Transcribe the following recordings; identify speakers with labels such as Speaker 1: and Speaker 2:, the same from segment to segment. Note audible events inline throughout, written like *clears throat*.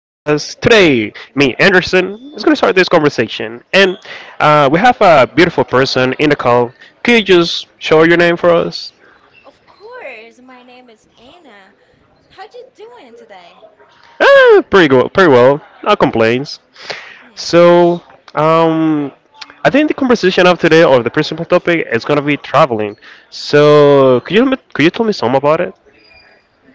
Speaker 1: Today, me,
Speaker 2: Mhm.
Speaker 1: Anderson, is going to start this conversation. And we have a beautiful person in the call. Can you just show your name for us?
Speaker 2: Of course, my name is Anna. How you doing today?
Speaker 1: Pretty good, pretty well. No complaints.
Speaker 2: Hmm?
Speaker 1: So, um, I think the conversation of today, or the principal topic, is going to be traveling. So, could you tell me some about it?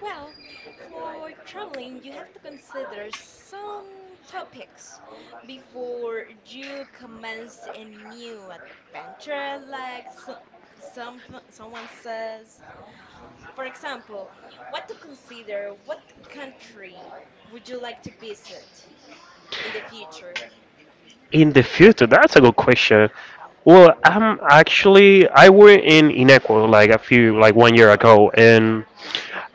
Speaker 2: Well, for traveling, you have to consider some topics before you commence a new adventure, like so, some someone says. For example, what to consider, what country would you like to visit in the future?
Speaker 1: In the future, that's a good question. Well, I were in Inequal like a few like 1 year ago, and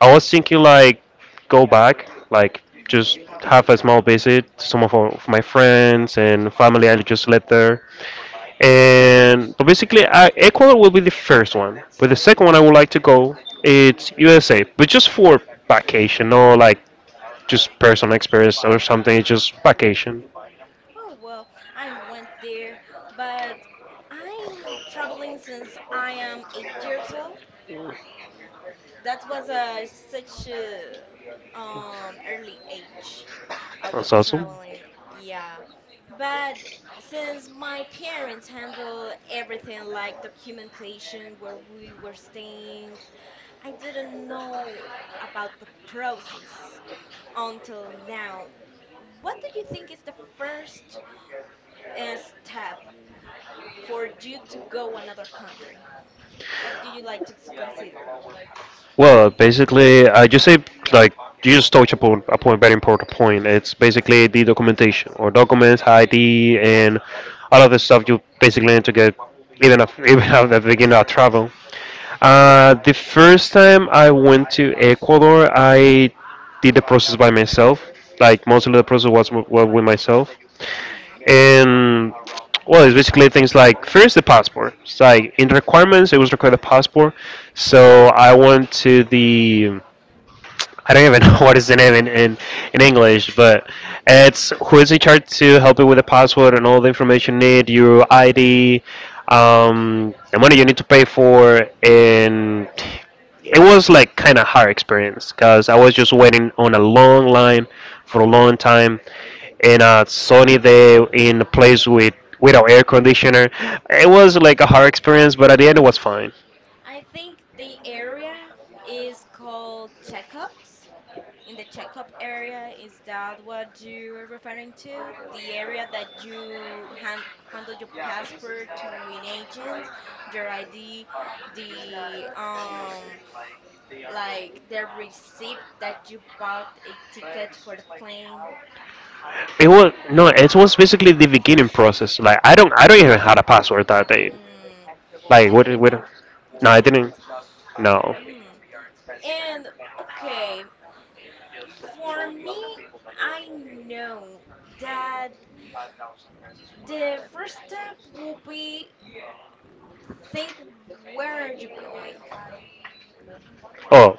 Speaker 1: I was thinking like go back, like just have a small visit to some of, our- of my friends and family I just left there. And but basically, I, Ecuador will be the first one, but the second one I would like to go it's USA, but just for vacation, no like just personal experience or something, it's just vacation.
Speaker 2: Oh, well, I went there, but I'm traveling since I am 8 years old. That was a such a early age I was
Speaker 1: That's awesome.
Speaker 2: traveling. Yeah. But since my parents handle everything like documentation where we were staying, I didn't know about the process until now. What do you think is the first step for you to go another country? What do you like to consider?
Speaker 1: Well, basically, I just say like you just touch upon a point, very important point. It's basically the documentation or documents, ID, and all of the stuff you basically need to get even if, *laughs* even at the beginning of travel. The first time I went to Ecuador, I did the process by myself. Like most of the process was was with myself
Speaker 2: Hmm.
Speaker 1: and well, it's basically things like first the passport. It's like in requirements, it was required the passport. So I went to the I don't even know *laughs* what is the name in English, but it's who is in charge to help you with the password and all the information you need, your ID, the money you need to pay for, and it was like kind of hard experience because I was just waiting on a long line for a long time in a sunny day in a place with without air conditioner. It
Speaker 2: Mm.
Speaker 1: was like a hard experience, but at the end it was fine.
Speaker 2: I think the area is called checkups. In the checkup area, is that what you are referring to? The area that you handle your passport to an agent, your ID, the like the receipt that you bought a ticket for the plane.
Speaker 1: It was no, it was basically the beginning process. Like I don't even had a password that day.
Speaker 2: Mm.
Speaker 1: Like
Speaker 2: You
Speaker 1: what?
Speaker 2: didn't have?
Speaker 1: What?
Speaker 2: You
Speaker 1: No, I
Speaker 2: didn't?
Speaker 1: didn't. No.
Speaker 2: Mm. And okay, for me, I know that the first step will be think, where are you going?
Speaker 1: Oh,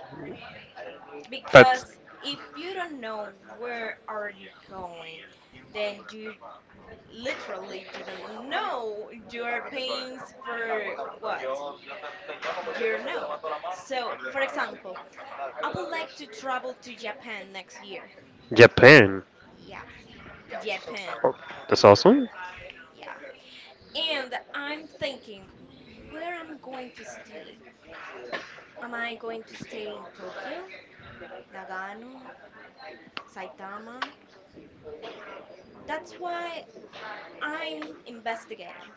Speaker 1: that's
Speaker 2: Because if you don't know where are you going, then you literally do not know your pains for what? You do know. So, for example, I would like to travel to Japan next year.
Speaker 1: Japan.
Speaker 2: Yeah, Japan.
Speaker 1: Oh, that's awesome.
Speaker 2: Yeah. And I'm thinking, where I'm going to stay? Am I going to stay in Tokyo, Nagano, Saitama? That's why I'm investigating.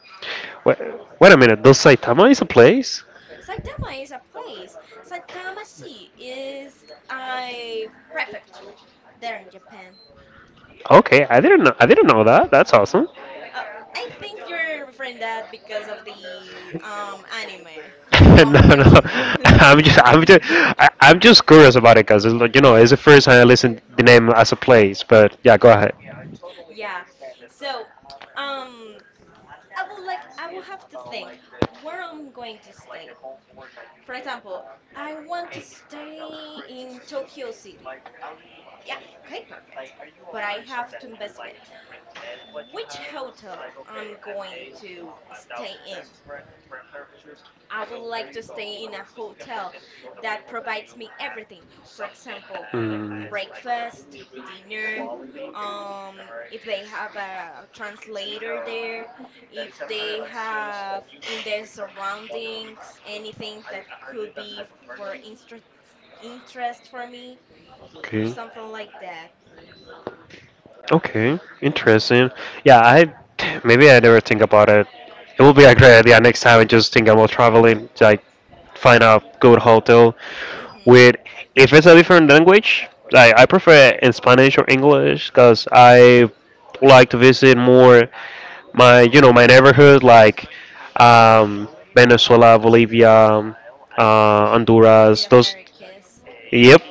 Speaker 1: Wait, wait a minute. Does Saitama is a place?
Speaker 2: Saitama is a place. Saitama-shi is a prefecture there in Japan.
Speaker 1: Okay, I didn't know. I didn't know that. That's awesome.
Speaker 2: Uh, I think you're referring that because of the anime,
Speaker 1: *laughs* No,
Speaker 2: One Punch
Speaker 1: no. *laughs*
Speaker 2: Man.
Speaker 1: I'm just,
Speaker 2: *laughs*
Speaker 1: I'm just, I'm just curious about it because you know
Speaker 2: Uh,
Speaker 1: it's the first time I listen the name as a place. But yeah, go ahead.
Speaker 2: yeah. So, um. I will have to think where I'm going to stay. For example, I want to stay in Tokyo City. Yeah, okay, perfect. But I have to investigate which hotel I'm going to stay in. I would like to stay in a hotel that provides me everything. For example,
Speaker 1: Mm.
Speaker 2: breakfast, dinner, if they have a translator there, if they have in their surroundings anything that could be for interest for me,
Speaker 1: Okay.
Speaker 2: something like that.
Speaker 1: Okay, interesting.
Speaker 2: Mhm.
Speaker 1: Yeah, I maybe I never think about it. It will be a great idea next time. I just think about traveling, like find a good hotel
Speaker 2: Mhm.
Speaker 1: with if it's a different language. Like I prefer in Spanish or English because I like to visit more my my neighborhood like um, Venezuela, Bolivia,
Speaker 2: In the
Speaker 1: Honduras. Those.
Speaker 2: Americas.
Speaker 1: Yep.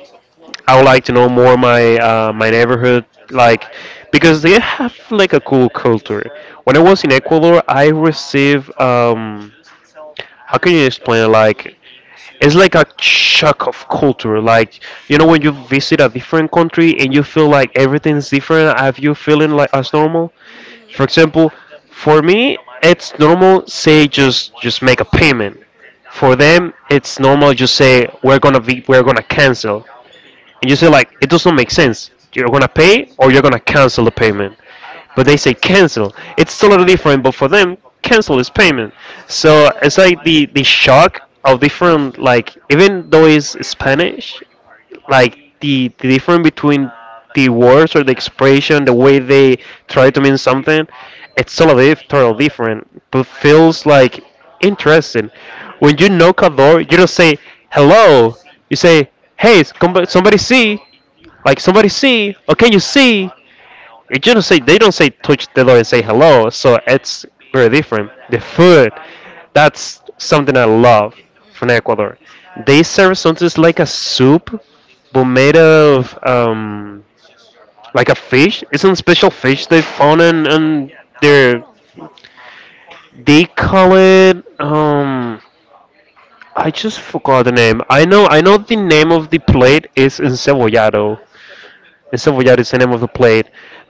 Speaker 1: I would like to know more my my neighborhood, like because they have like a cool culture. When I was in Ecuador, I received how can you explain it? Like it's like a shock of culture. Like you know when you visit a different country and you feel like everything's different. Have you feeling like as normal?
Speaker 2: Mhm.
Speaker 1: For example, for me, it's normal. Say just make a payment. For them, it's normal. Just say we're gonna cancel and you say like it doesn't make sense. You're gonna pay or you're gonna cancel the payment, but they say cancel. It's totally different, but for them,
Speaker 2: Hmm.
Speaker 1: cancel is payment. So it's
Speaker 2: What?
Speaker 1: like the shock of different like even though it's Spanish like the difference between the words or the expression, the way they try to mean something, it's totally different, but feels like interesting. When you knock a door, you don't say hello. You say, "Hey, somebody see!" Like somebody see, or can you see? It just say they don't say touch the door and say hello, so it's very different. The food, that's something I love from
Speaker 2: Mhm.
Speaker 1: Ecuador. They serve something like a soup, but made of like a fish. It's some special fish they found in
Speaker 2: How is it
Speaker 1: their.
Speaker 2: called?
Speaker 1: They call it. I just forgot the name. I know the name of the plate is encebollado. And Silveryacht is the name of the plate.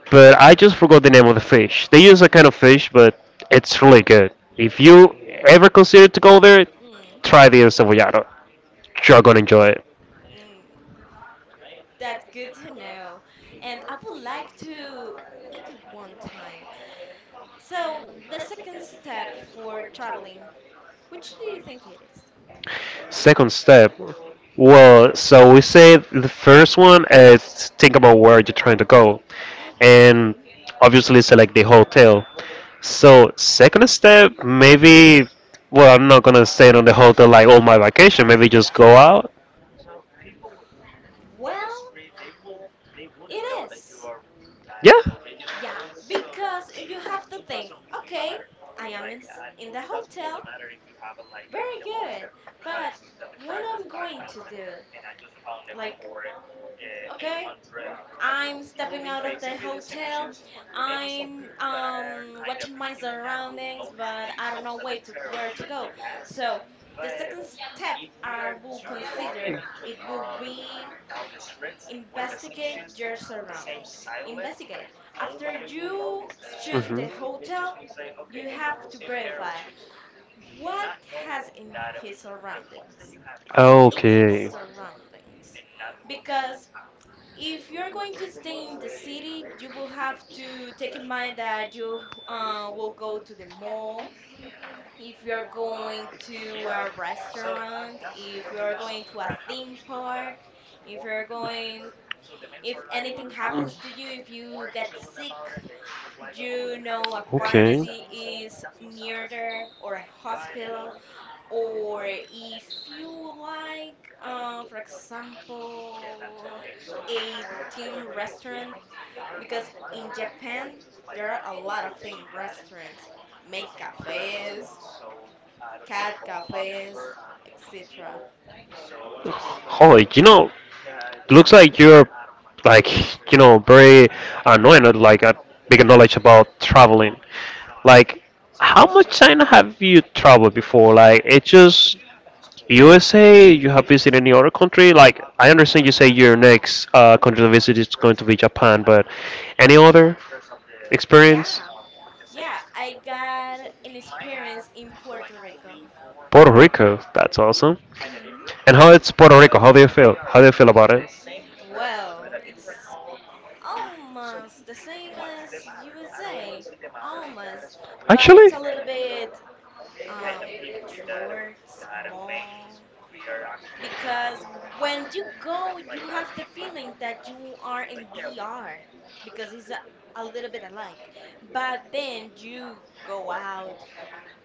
Speaker 1: But I just forgot the name of the fish. They use a kind of fish, but it's really good. If you ever consider to go there,
Speaker 2: Mm.
Speaker 1: try the Silveryacht. You're gonna enjoy it.
Speaker 2: Mm. That's good to know. And I would like to eat it one time. So, the second step for traveling, which do you think it is?
Speaker 1: Second step. Well, so we said the first one is think about where you're trying to go, and
Speaker 2: Mm-hmm.
Speaker 1: obviously select the hotel. So second step, maybe. Well, I'm not gonna stay on the hotel like all my vacation. Maybe just go out.
Speaker 2: Well, it is.
Speaker 1: Yeah.
Speaker 2: Yeah, because you have to think, okay, I am in the hotel. Very good. But what I'm going to do? Like, okay, I'm stepping out of the hotel. I'm watching my surroundings, but I don't know where to go. So the second step I will consider it will be investigate your surroundings. Investigate. After you choose the
Speaker 1: Hmm.
Speaker 2: hotel, you have to verify what has in his surroundings, in its
Speaker 1: Okay.
Speaker 2: surroundings, because if you're going to stay in the city, you will have to take in mind that you will go to the mall. If you're going to a restaurant, if you're going to a theme park, if you're going, if anything happens to you, if you get sick, you know a pharmacy is near there or a hospital, or if you like, for example, a team restaurant because in Japan there are a lot of theme restaurants, maid
Speaker 1: Okay.
Speaker 2: cafes, cat cafes, etc.
Speaker 1: *sighs* Holy, you know, looks like you're like you know very annoying at like a big knowledge about traveling. Like, how much China have you traveled before? Like, it's just USA. You have visited any other country? Like, I understand you say your next country to visit is going to be Japan, but any other experience?
Speaker 2: Yeah, yeah, I got an experience in Puerto Rico.
Speaker 1: Puerto Rico. That's awesome.
Speaker 2: Mhm.
Speaker 1: And how it's Puerto Rico? How do you feel? How do you feel about it?
Speaker 2: Well, it's almost the same as USA, almost, but
Speaker 1: Actually,
Speaker 2: it's a little bit short, small, because when you go, you have the feeling that you are in DR because it's a little bit alike. But then you go out,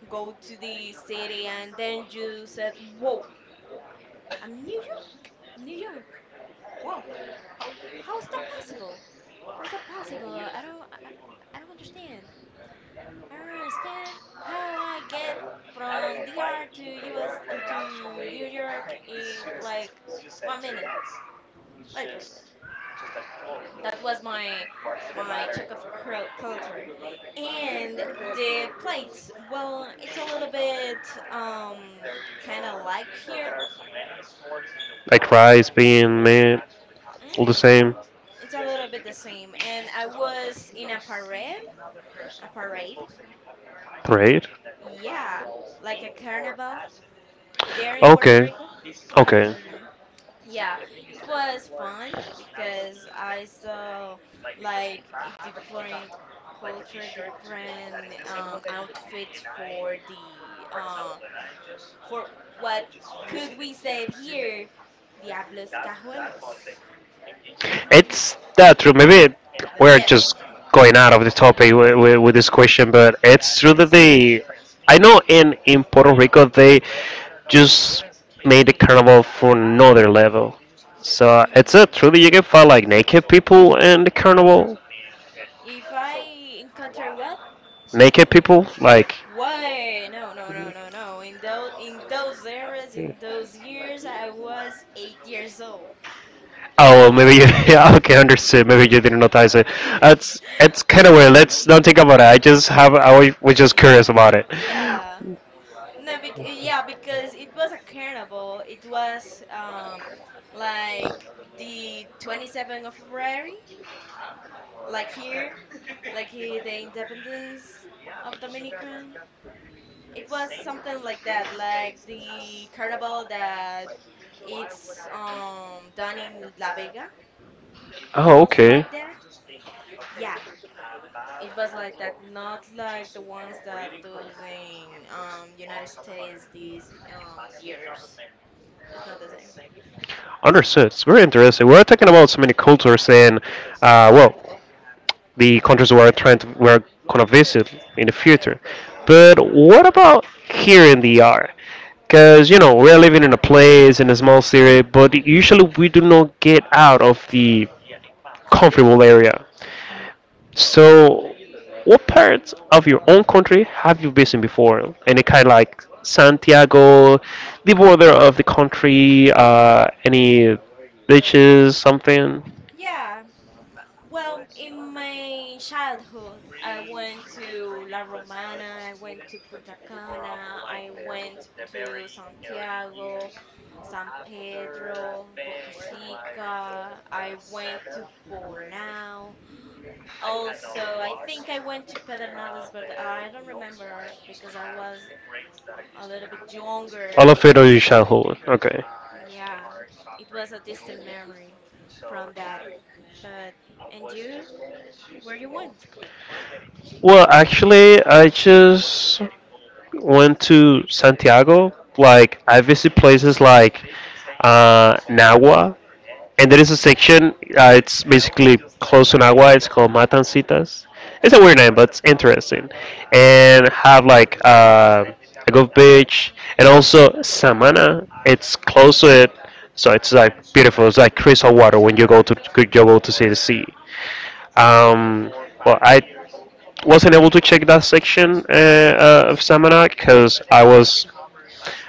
Speaker 2: go to the city, and then you said, "Whoa, I'm New York. I'm New York. Wow, how how is that possible? How is that possible? I don't understand. I don't understand how I get from DR to US to New York in like 1 minute, literally." That was my choke of culture, and the plates, well, it's a little bit um kind of like here.
Speaker 1: like fries being made all the
Speaker 2: Hmm.
Speaker 1: same
Speaker 2: It's a little bit the same, and I was in a parade,
Speaker 1: grade?
Speaker 2: yeah, like a carnival there in Puerto
Speaker 1: Okay,
Speaker 2: Rico.
Speaker 1: okay.
Speaker 2: Hmm. Yeah, it was fun because I saw like a different culture, different outfits for the for what could we say it here, Diablos Cajuelos, hmm
Speaker 1: It's that true. Maybe it,
Speaker 2: the
Speaker 1: we're just
Speaker 2: devils.
Speaker 1: going out of the topic with
Speaker 2: *laughs*
Speaker 1: this question, but it's true that they. I know in Puerto Rico they just made the carnival for another level. So it's
Speaker 2: Mm.
Speaker 1: true that you can find like naked people in the carnival.
Speaker 2: If I encounter what?
Speaker 1: Naked people, like
Speaker 2: Way, no, no, no, no, no, in those years I was 8 years old.
Speaker 1: Oh, well, maybe you. *laughs* Yeah, okay, understood. Maybe you didn't notice it. That's it's kind of weird. Let's
Speaker 2: *laughs*
Speaker 1: don't think about it. I just have. Was just
Speaker 2: Ye-
Speaker 1: curious about it.
Speaker 2: Yeah. No, bec yeah, because it was a carnival. It was like the 27th of February, like here, like here, the independence of Dominican. It was something like that, like the carnival that it's done in La Vega,
Speaker 1: Oh,
Speaker 2: almost
Speaker 1: okay.
Speaker 2: like that. Yeah, it was like that, not like the ones that those in United States these years. It's not the same.
Speaker 1: Understood. It's very interesting. We're talking about so many cultures and, well, the countries we're trying to we're gonna visit in the
Speaker 2: Mm.
Speaker 1: future.
Speaker 2: Mhm.
Speaker 1: But what about here in the R? Because you know we're living in a place in a small city, but usually we do not get out of the
Speaker 2: City?
Speaker 1: comfortable area. So, what parts of your own country have you visited before? Any kind like Santiago, the border of the country, any beaches, something?
Speaker 2: Yeah. Well, in my childhood, I went to La Romana, I went to Punta Cana, I went to Santiago, San Pedro, Boca Chica, I went to Bonao. Also, I think I went to Pedernales, but I don't remember because I was a little bit
Speaker 1: All
Speaker 2: younger.
Speaker 1: of it or your childhood? Okay.
Speaker 2: Yeah, it was a distant memory from that. But, and you, where you went?
Speaker 1: Well, actually, I just went to Santiago. Like, I visit places like Nagua. And there is
Speaker 2: Mhm.
Speaker 1: a section. It's basically close to Nagua. It's called Matancitas. It's a weird name, but it's interesting. And have like a good beach, and also Samana. It's close to it, so it's like beautiful. It's like crystal water when you go to see the sea. Um, well, I wasn't able to check that section
Speaker 2: Mm.
Speaker 1: of Samana because I was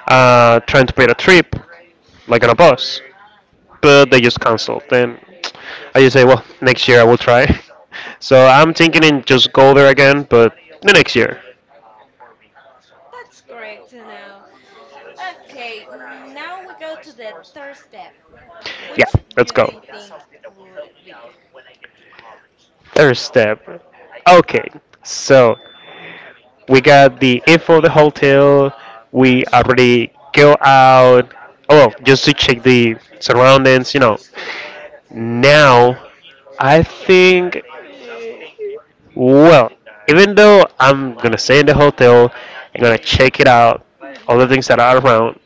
Speaker 1: trying to plan a trip, like on a bus but they just canceled. Then I just say, well, next year I will try. *laughs* So I'm thinking in just go there again, but the next year.
Speaker 2: That's correct to know. Okay, now we go to the third step.
Speaker 1: Yeah,
Speaker 2: Which
Speaker 1: let's
Speaker 2: you do
Speaker 1: go.
Speaker 2: you think would be?
Speaker 1: Third step. Okay, so we got
Speaker 2: Mm-hmm.
Speaker 1: the info of the hotel. We
Speaker 2: Mm-hmm.
Speaker 1: already go out. Oh, well, just to check
Speaker 2: That's,
Speaker 1: the surroundings, you know. Now, I think, well, even though I'm gonna stay in the hotel, I'm gonna check it out, all the things
Speaker 2: mm-hmm.
Speaker 1: that are around.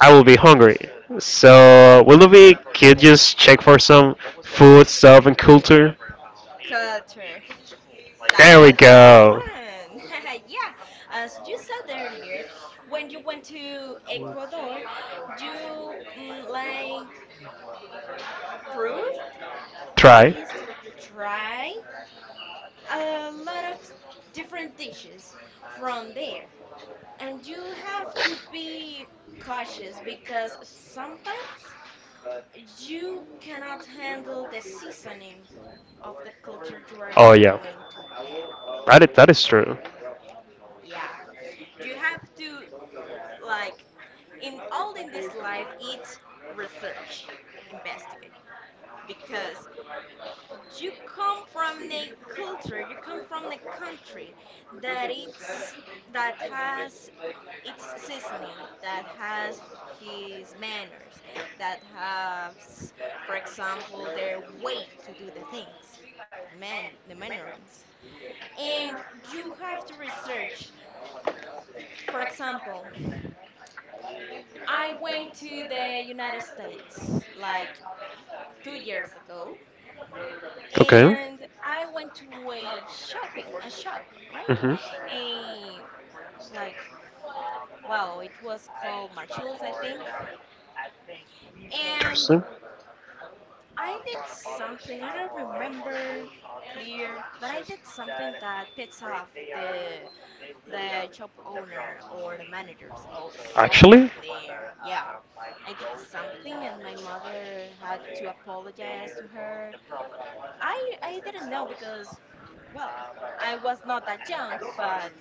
Speaker 1: I will be hungry. So, will we could just check for some food, stuff, and culture?
Speaker 2: Culture. That
Speaker 1: There we
Speaker 2: was the
Speaker 1: go.
Speaker 2: one. *laughs* Yeah, as you said earlier, when you went to Ecuador, you like proved,
Speaker 1: Try.
Speaker 2: taste, try a lot of different dishes from there. And you have to be cautious because sometimes you cannot handle the seasoning of the culture you are
Speaker 1: Oh yeah,
Speaker 2: going to get in.
Speaker 1: that is true.
Speaker 2: Yeah. You have to, like, in all in this life it's research, investigate, because you come from a culture, you come from a country that it's that has it's seasoning, that has his manners, that has, for example, their way to do the things, the mannerings. And you have to research. For example, I went to the United States like 2 years ago,
Speaker 1: Okay.
Speaker 2: and I went to a shopping, a shop, right?
Speaker 1: Mhm.
Speaker 2: A, like, wow, it was called Marshalls, I think. And
Speaker 1: Interesting.
Speaker 2: I did something, I don't remember clear, but I did something that pissed off the shop owner or the managers or
Speaker 1: Actually?
Speaker 2: someone there. Yeah. I did something and my mother had to apologize to her. I I didn't know because, well, I was not that young, but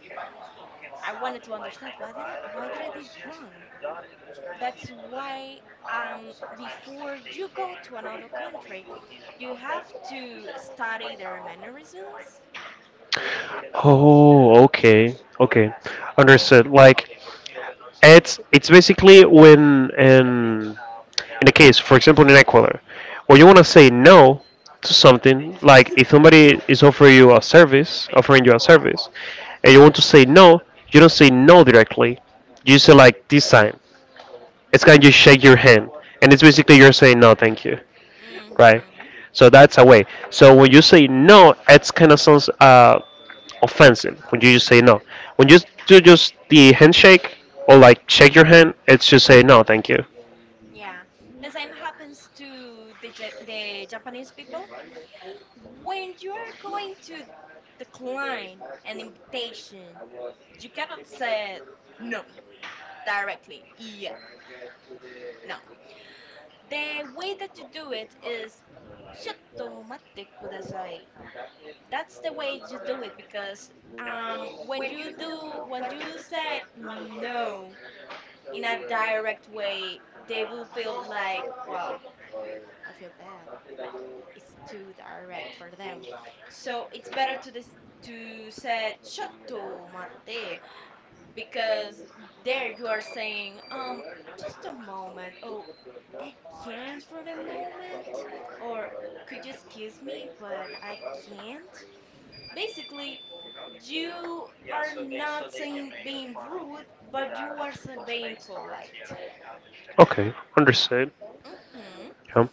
Speaker 2: I wanted to understand why did I did wrong? That's why before you go to another country, you have to study their mannerisms.
Speaker 1: Oh, okay. Okay. Understood. Like it's basically when in a case, for example in Ecuador, where you wanna say no to something, like if somebody is offering you a service offering you a service and you want to say no, you don't say no directly. You say like this sign. It's kind of you shake your hand. And it's basically you're saying no, thank you. Right?
Speaker 2: Hmm.
Speaker 1: So that's a way. So when you say no, it's kind of sounds offensive when you just say no. When you do just the handshake or like shake your hand, it's just say no, thank you.
Speaker 2: Yeah, the same happens to the Japanese people. When you are going to decline an invitation, you cannot say no directly. Yeah, no. The way that you do it is, ちょっと待ってください. That's the way you do it, because when you said no in a direct way, they will feel like, wow, I feel bad. It's too direct for them, so it's better to this to say chotto mate, because there you are saying just a moment. Oh, I can't for the moment, or could you excuse me but I can't, basically. You are not saying being rude, but you are being polite.
Speaker 1: Okay, understood.
Speaker 2: Mhm.
Speaker 1: Yeah.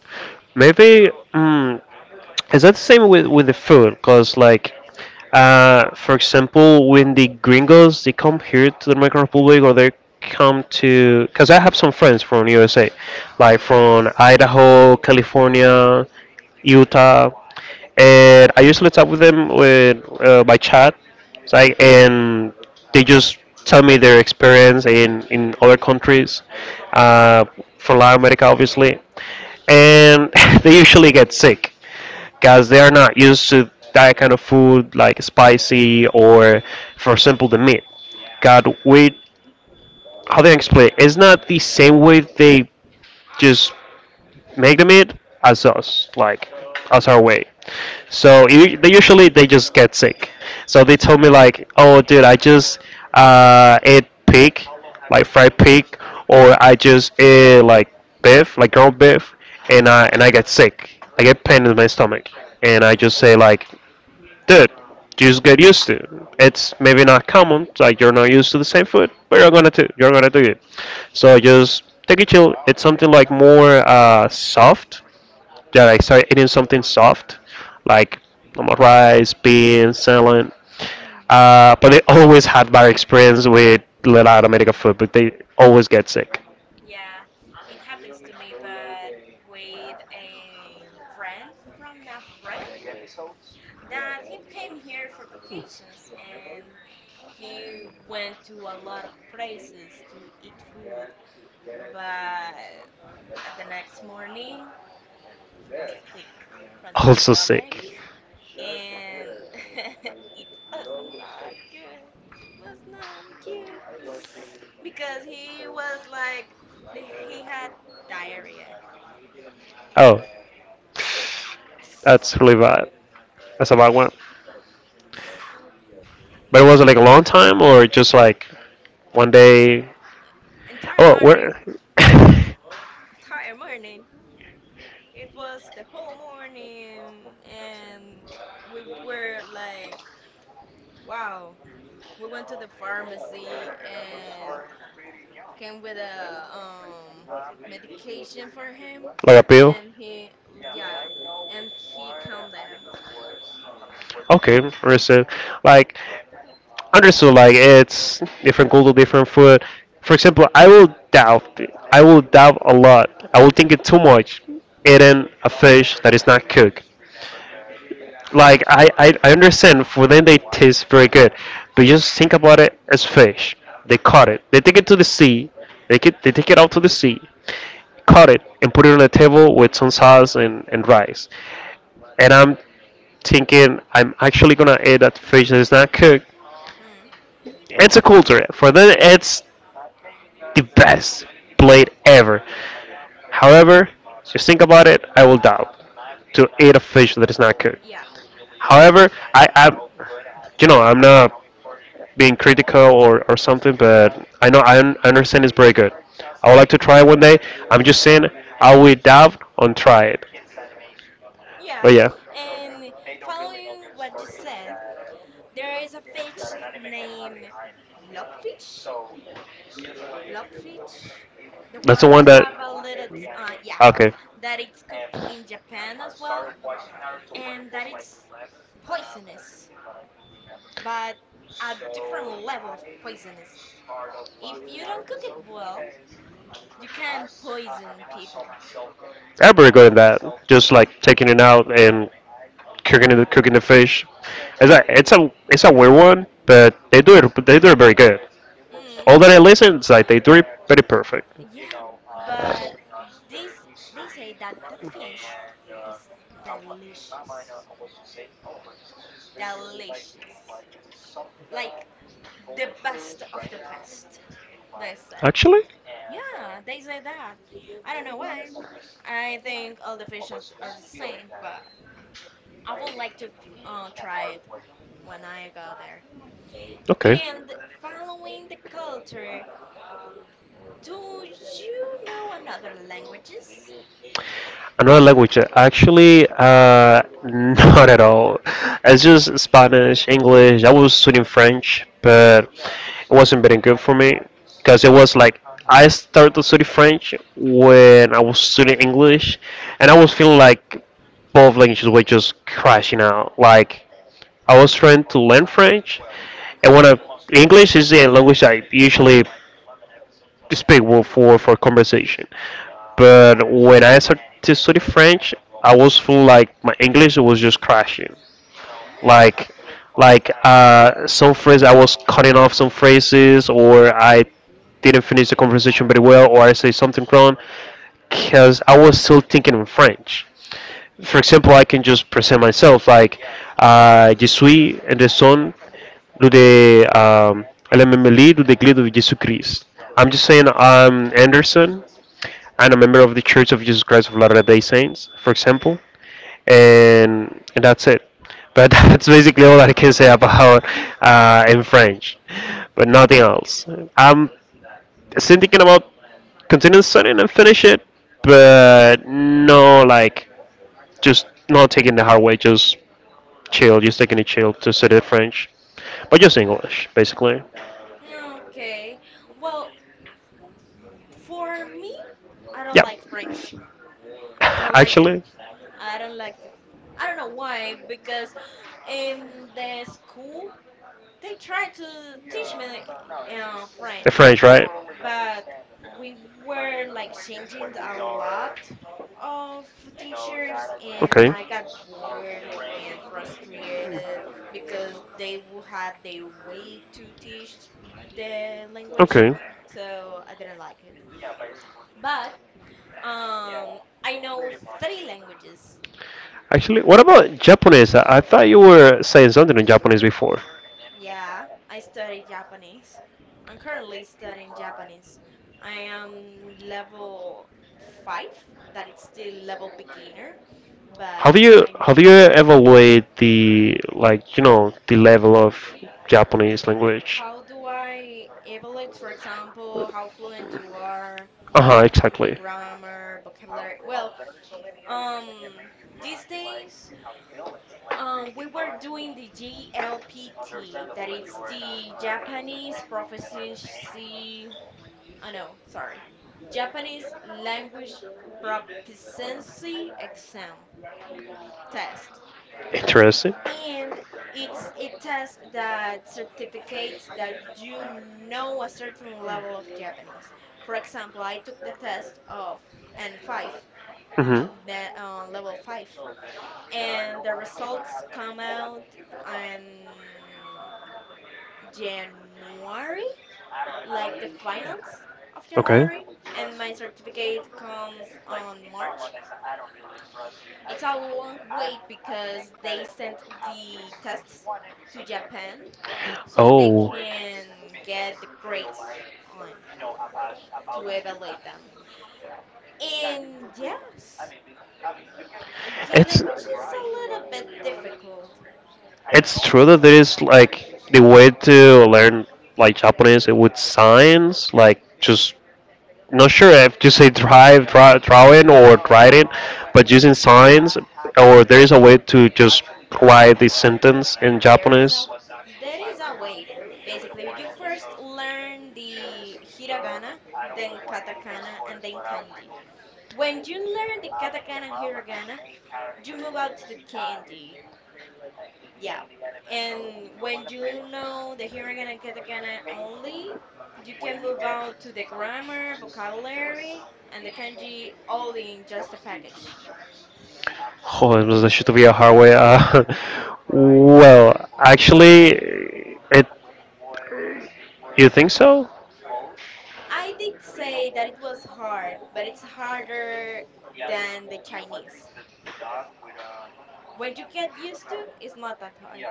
Speaker 1: Maybe is that the same with the food? Cause like, for example, when the gringos they come here to the Dominican Republic or they come to, cause I have some friends from USA, like from Idaho, California, Utah, and I usually talk with them with by chat. It's like, and they just tell me their experience in other countries, uh, from Latin America, obviously and *laughs* they usually get sick because they are not used to that kind of food like spicy or for example the meat god we how do I explain it's not the same way they just making it as us, like as our way. So they usually they just get sick. So they told me like, oh dude, I just ate pig, like fried pig, or I just ate like beef, like ground beef, and I
Speaker 2: Mhm.
Speaker 1: get sick. I get pain in my stomach, and I just say like, dude, just get used to it. It's maybe not common, like you're not used to the same food, but you're gonna do it. So just take it chill. It's something like more soft. That I started eating something soft, like normal rice, beans, salad.
Speaker 2: Mhm.
Speaker 1: But they always had bad experience with Latin American food, but they always get sick. *laughs*
Speaker 2: Yeah, it happens to me, but with a friend from a friend that he came here for vacations and he went to a lot of places to eat food. But the next morning, he was sick from the
Speaker 1: Also
Speaker 2: stomach,
Speaker 1: sick.
Speaker 2: and *laughs* it was not good. It was not good because he was like he had diarrhea.
Speaker 1: Oh, that's really bad. That's a
Speaker 2: Yeah,
Speaker 1: bad one. But it was like a long time, or just like one day?
Speaker 2: entire
Speaker 1: Oh,
Speaker 2: morning,
Speaker 1: where? *laughs*
Speaker 2: entire morning. It was the whole morning and we were like, wow. We went to the pharmacy and came with a medication for him,
Speaker 1: Like a pill?
Speaker 2: and he, yeah, and he calmed down.
Speaker 1: Okay, understood. Like, understood. Like, it's different culture, different food. For example, I will doubt. I will doubt a lot. I will think it too much. Eating a fish that is not cooked. Like, I understand for them they taste very good, but just think about it as fish. They caught it. They take it to the sea. They take it out to the sea, cut it and put it on a table with some sauce and rice. And I'm thinking I'm actually gonna eat that fish that is not cooked.
Speaker 2: Mm,
Speaker 1: It's a culture. For them, it's the best plate ever. However, just think about it. I will doubt to eat a fish that is not cooked.
Speaker 2: yeah,
Speaker 1: However, I am, you know, I'm not being critical or something, but I know I understand it's very good. I would like to try it one day. I'm just saying I will doubt on try it.
Speaker 2: yeah,
Speaker 1: But yeah,
Speaker 2: and following what you said, there is a fish named blobfish blobfish, the
Speaker 1: that's the
Speaker 2: one that
Speaker 1: one that.
Speaker 2: have a little yeah,
Speaker 1: Okay,
Speaker 2: that it's cooked in Japan as well, and that it's poisonous, but a different level of poisonous if you don't cook it well. You can't poison people.
Speaker 1: I'm pretty good at that. Just like taking it out and cooking the fish. It's a weird one, but they do it very good.
Speaker 2: Mm.
Speaker 1: All that I listen, it's like they do it very perfect.
Speaker 2: Yeah, but this, they say that that fish is delicious. Delicious. Like the best of the best, they said.
Speaker 1: Actually,
Speaker 2: Yeah, they say that. I don't know why. I think all the fish are the same, but I would like to try it when I go there.
Speaker 1: okay.
Speaker 2: And following the culture, do you know another languages?
Speaker 1: Another language? Actually, *laughs* not at all. It's just Spanish, English. I was studying French, but it wasn't very good for me because it was like I started to study French when I was studying English, and I was feeling like both languages were just crashing out. Like I was trying to learn French, and when I— English is a language I usually despicable for conversation. But when I started to study French, I was full like my English was just crashing.
Speaker 2: Hmm.
Speaker 1: Like like some phrase I was cutting off some phrases, or I didn't finish the conversation very well, or I say something wrong because I was still thinking in French. For example, I can just present myself like Je suis the son do the LMMLE do the glid of Jesus Christ. I'm just saying I'm Anderson. I'm a member of the Church of Jesus Christ of Latter-day Saints, for example, and that's it. But *laughs* that's basically all I can say about in French, but nothing else. I'm still thinking about continuing studying and finish it, but no, like just not taking the hard way, just chill, just taking it chill to study French, but just English basically.
Speaker 2: Mm. Okay. Well, for me, I don't
Speaker 1: Yeah,
Speaker 2: like French. I don't like it.
Speaker 1: *laughs* actually,
Speaker 2: I don't like it. I don't know why, because in the school they try to teach me
Speaker 1: the
Speaker 2: French,
Speaker 1: French, right?
Speaker 2: but we were like changing a lot of teachers and
Speaker 1: Okay.
Speaker 2: I got bored and frustrated because they would had their way to teach the language,
Speaker 1: Okay.
Speaker 2: so I didn't like it. But um I know three languages.
Speaker 1: Actually, what about Japanese? I thought you were saying something in Japanese before.
Speaker 2: Yeah, I studied Japanese. I'm currently studying Japanese. I am level 5, that it's still level beginner, but
Speaker 1: Have you
Speaker 2: I
Speaker 1: have you
Speaker 2: know.
Speaker 1: ever weighed the like you know the level of Japanese language?
Speaker 2: How do I evaluate, for example, how fluent you are,
Speaker 1: Uh huh.
Speaker 2: the
Speaker 1: Exactly.
Speaker 2: grammar, vocabulary? Well, um, these days, we were doing the JLPT, that it's the Japanese proficiency. Oh no, sorry, Japanese language proficiency exam test.
Speaker 1: Interesting.
Speaker 2: And it's a test that certificates that you know a certain level of Japanese. For example, I took the test of N5,
Speaker 1: Hmm.
Speaker 2: the, level 5, and the results come out in January, like the finals of
Speaker 1: Okay.
Speaker 2: January, and my certificate comes on March. It's a long wait because they sent the tests to Japan so they
Speaker 1: Oh,
Speaker 2: can get the grades on to evaluate them. And yes, the
Speaker 1: it's—
Speaker 2: language is a little bit difficult.
Speaker 1: It's true that there is like the way to learn like Japanese with signs, like just not sure if to say drive, draw, drawing or writing, but using signs, or there is a way to just write the sentence in
Speaker 2: There is a
Speaker 1: Japanese.
Speaker 2: way. There is a way. Basically, you first learn the hiragana, then katakana, and then kanji. When you learn the katakana and hiragana, you move out to the kanji. Yeah. And when you know the hiragana and katakana only, you can move out to the grammar, vocabulary, and the kanji all in just a package. *clears throat*
Speaker 1: Oh, it
Speaker 2: Mm.
Speaker 1: was- that should be a hard way. *laughs* Well,
Speaker 2: It's not that
Speaker 1: actually,
Speaker 2: hard.
Speaker 1: it. You think so?
Speaker 2: I did say that it was hard, but it's harder than the Chinese. When you get used to, it's not that hard.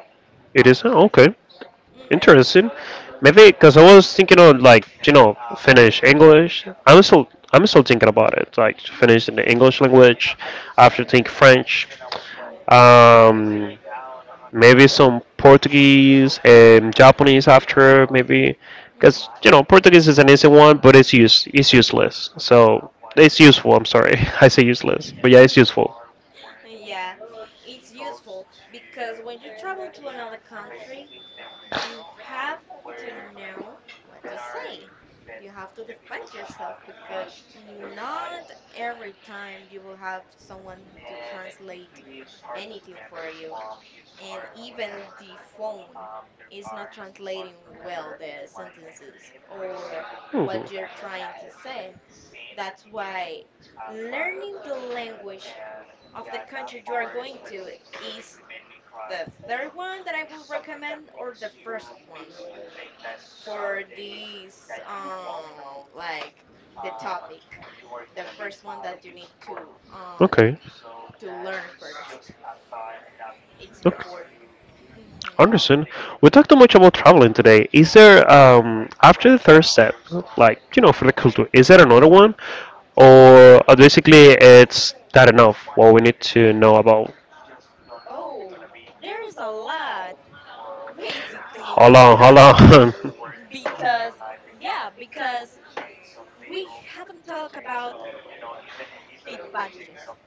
Speaker 1: It isn't? Okay.
Speaker 2: Mhm.
Speaker 1: Interesting. Maybe because I was thinking of like you know finish English. I'm still thinking about it. Like to finish in the English language. I have to think
Speaker 2: Mhm.
Speaker 1: French.
Speaker 2: Mhm.
Speaker 1: Um, maybe some Portuguese and Japanese after maybe because you know Portuguese is an easy one, but it's useless. So it's useful. I'm sorry, *laughs* I say useless, but yeah, it's
Speaker 2: Mm. *laughs*
Speaker 1: useful.
Speaker 2: Yeah, it's useful because when you travel to another country, you have to know what to say. You have to defend yourself because not every time you will have someone to translate anything for you. And even the phone is not translating well the sentences or
Speaker 1: Mhm.
Speaker 2: what you're trying to say. That's why learning the language of the country you are going to is the third one that I will recommend, or the first one for these, like the topic, the first one that you need
Speaker 1: Okay.
Speaker 2: to learn first, it's
Speaker 1: Okay.
Speaker 2: important. Hmm.
Speaker 1: Anderson, we talked too much about traveling today. Is there, after the third step, like, you know, for the culture, is there another one? Or basically it's that enough what we need to know about?
Speaker 2: Oh, there's a lot. *laughs* Basically,
Speaker 1: Hold on,
Speaker 2: because
Speaker 1: hold on.
Speaker 2: because yeah, because we haven't talked about the budget,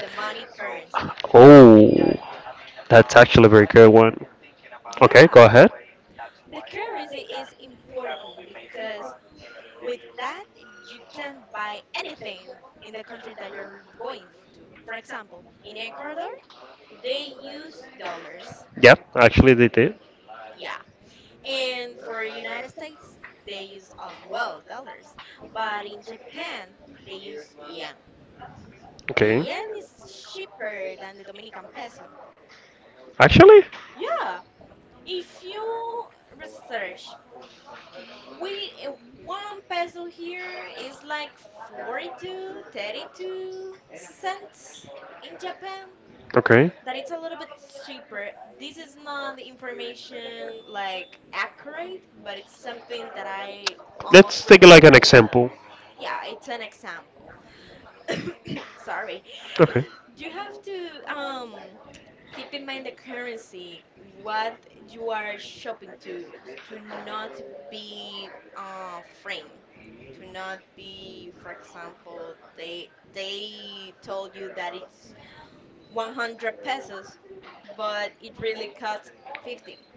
Speaker 2: the money currency.
Speaker 1: *laughs* Oh, that's actually a very good one. Okay,
Speaker 2: Yeah,
Speaker 1: go ahead.
Speaker 2: the currency is important because with that, you can buy anything in the country that you're going to. For example, in Ecuador, they use dollars.
Speaker 1: Yeah, actually they did.
Speaker 2: Yeah. And for United States, they use as well dollars. But in Japan, they use yen. The
Speaker 1: Okay.
Speaker 2: yen is cheaper than the Dominican peso.
Speaker 1: Actually?
Speaker 2: Yeah. If you research, We uh, one peso here is like 42, 32 cents in Japan.
Speaker 1: Okay.
Speaker 2: That it's a little bit cheaper. This is not the information like accurate, but it's something that I almost
Speaker 1: Let's take like
Speaker 2: remember.
Speaker 1: an
Speaker 2: Is a
Speaker 1: example.
Speaker 2: yeah, it's an example. Sorry.
Speaker 1: Okay.
Speaker 2: You have to keep in mind the currency, what you are shopping to not be framed, to not be, for example, they told you that it's 100 pesos but it really costs 50.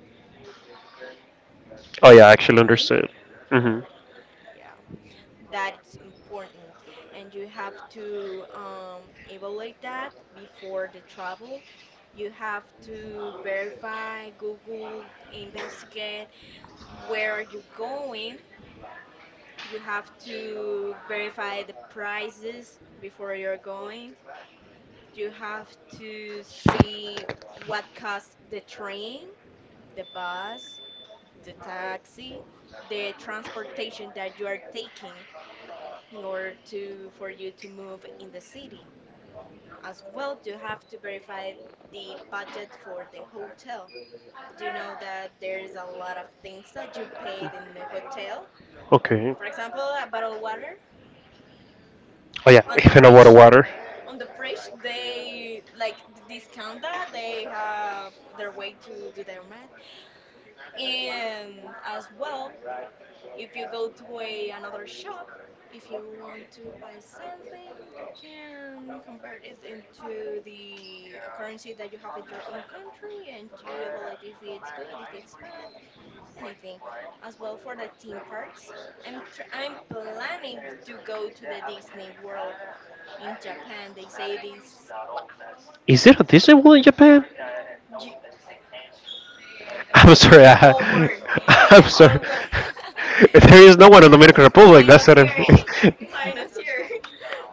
Speaker 1: Oh yeah, I
Speaker 2: Do
Speaker 1: actually
Speaker 2: you mean?
Speaker 1: understood. Mhm.
Speaker 2: Yeah, that it's important, and you have to evaluate that before the travel. You have to verify, google, investigate where are you going. You have to verify the prices before you're going. You have to see what costs the train, the bus, the taxi, the transportation that you are taking in order to for you to move in the city. As well, you have to verify the budget for the hotel. Do you know that there is a lot of things that you paid in the hotel?
Speaker 1: Okay.
Speaker 2: For example, a bottle of water
Speaker 1: Oh yeah,
Speaker 2: on the
Speaker 1: even a water
Speaker 2: fridge.
Speaker 1: water.
Speaker 2: On the fridge, they like discount that they have their way to do their math. And as well, if you go to a another shop, if you want to buy something, you can convert it into the currency that you have in your own country and you evaluate if it's good, if it's bad, anything. As well for the theme parks, I'm planning to go to the Disney World in Japan. They say this wow.
Speaker 1: Is there a Disney World in Japan? *laughs* I'm
Speaker 2: In
Speaker 1: sorry.
Speaker 2: the whole
Speaker 1: I,
Speaker 2: world,
Speaker 1: *laughs*
Speaker 2: in
Speaker 1: I'm
Speaker 2: the
Speaker 1: sorry.
Speaker 2: whole world.
Speaker 1: *laughs* There is no one in
Speaker 2: *laughs*
Speaker 1: Dominican Republic. That's
Speaker 2: Minus
Speaker 1: what I'm.
Speaker 2: here, *laughs* minus here. *laughs*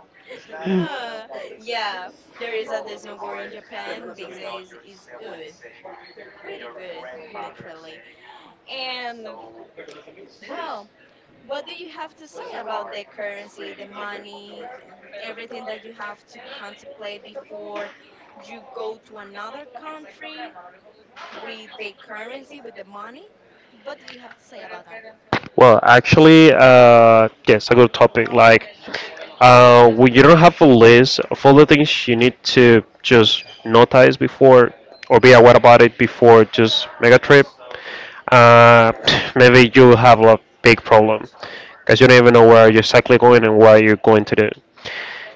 Speaker 2: Uh, yeah, there is a Disney War in Japan.
Speaker 1: *laughs* *laughs*
Speaker 2: They say is good, pretty good, literally. And well, what do you have to say about the currency, the money, everything that you have to contemplate before you go to another country with the currency, with the money? What do you have to say about that?
Speaker 1: Well, actually, yes, a good topic. Like, when you don't have a list of all the things you need to just notice before or be aware about it before just make a trip, uh, *sighs* *tsk* maybe you have a big problem because you don't even know where you're exactly going and what you're going to do.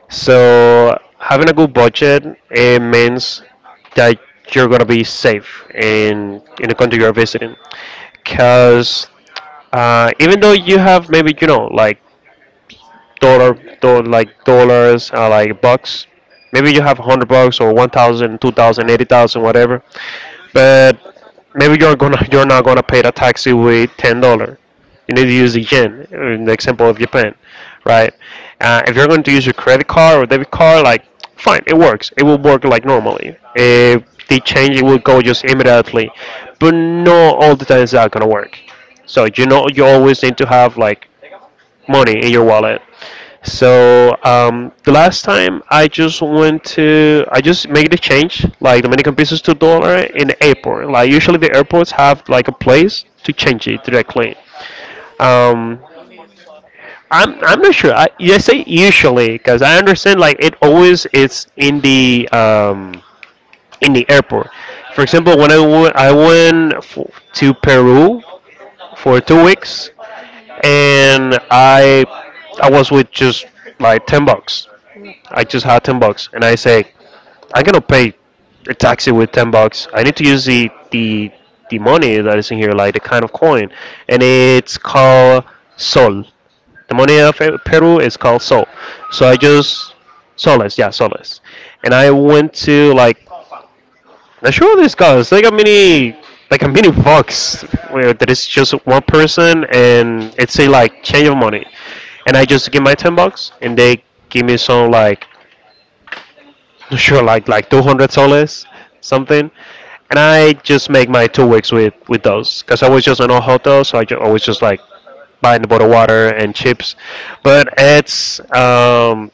Speaker 1: So, having a good budget it means that you're gonna be safe in the country you're visiting because even though you have maybe you know like dollar, do, like dollars, like bucks. Maybe you have 100 bucks or 1,000, 2,000, 80,000, whatever. But maybe you're gonna *laughs* you're not gonna pay the taxi with $10. You need to use the yen, in the example of Japan, right? If you're going to use your credit card or debit card, like fine, it works. It will work like normally. If they change, it will go just immediately. But not all the times that gonna work. So you know
Speaker 2: That's
Speaker 1: you
Speaker 2: true.
Speaker 1: always need to have like money in your wallet. So
Speaker 2: Physical.
Speaker 1: the last time I just went to, I just make the change, like Dominican pesos to dollar in the airport. Like usually the airports have like a place to change it directly.
Speaker 2: Mm.
Speaker 1: Um, I'm not sure. I say usually because I understand like it always is in the airport. For example, when I went f- to Peru for 2 weeks
Speaker 2: Mm-hmm.
Speaker 1: and I was with just like $10. I
Speaker 2: Mm.
Speaker 1: just had $10, and I say I'm gonna pay a taxi with $10. I need to use the money that is in here, like the kind of coin, and it's called sol. The money of Peru is called sol. So I
Speaker 2: Solid.
Speaker 1: just soles, yeah, soles, and I went to like sure this guys like a mini box where there is just one person and it's a like change of money and I just give my 10 bucks and they give me some like *laughs* not sure like 200 soles something and I just make my 2 weeks with those because I was just in a hotel so I ju- I was just like buying a bottle of water and chips but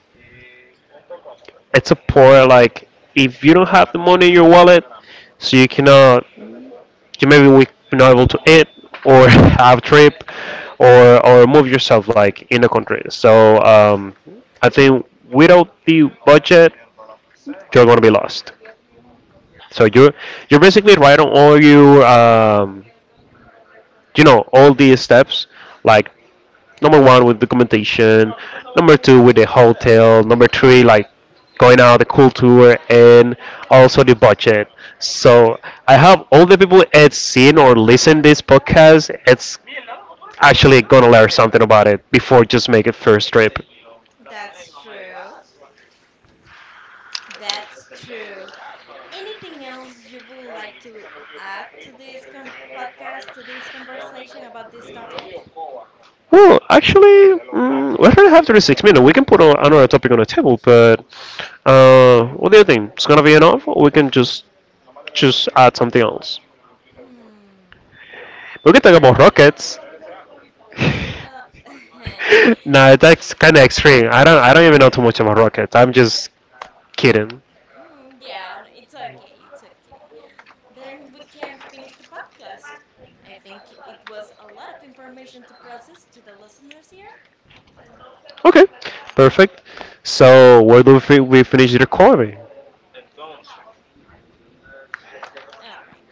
Speaker 1: it's a poor like if you don't have the money in your wallet so you cannot you maybe we not able to eat or *laughs* have a trip or move yourself like in the country. So I think without the budget, you're gonna be lost. So you're basically right on all you you know all these steps like number one with documentation. Number two with the hotel. Number three like going out the cool tour and also the budget. So I hope all the people that seen or listen this podcast, it's actually gonna learn something about it before just make a first trip.
Speaker 2: That's true. That's true. Anything else you would like to add to this podcast, to this conversation about this topic?
Speaker 1: Well, actually, mm, we don't have 36 minutes. We can put on another topic on the table, but what do you think? It's gonna be enough, or we can just add something else?
Speaker 2: Hmm.
Speaker 1: We can talk
Speaker 2: Let
Speaker 1: about
Speaker 2: me.
Speaker 1: rockets. *sighs*
Speaker 2: Well, *laughs* mm,
Speaker 1: *laughs* *laughs* no, that's kind of extreme. I don't even know too much about rockets. I'm just kidding.
Speaker 2: yeah, it's okay. It's okay. Then we can finish the podcast. I think it was a lot of information to process to the listeners here.
Speaker 1: Okay, perfect. So where do we finish the recording?
Speaker 2: All right.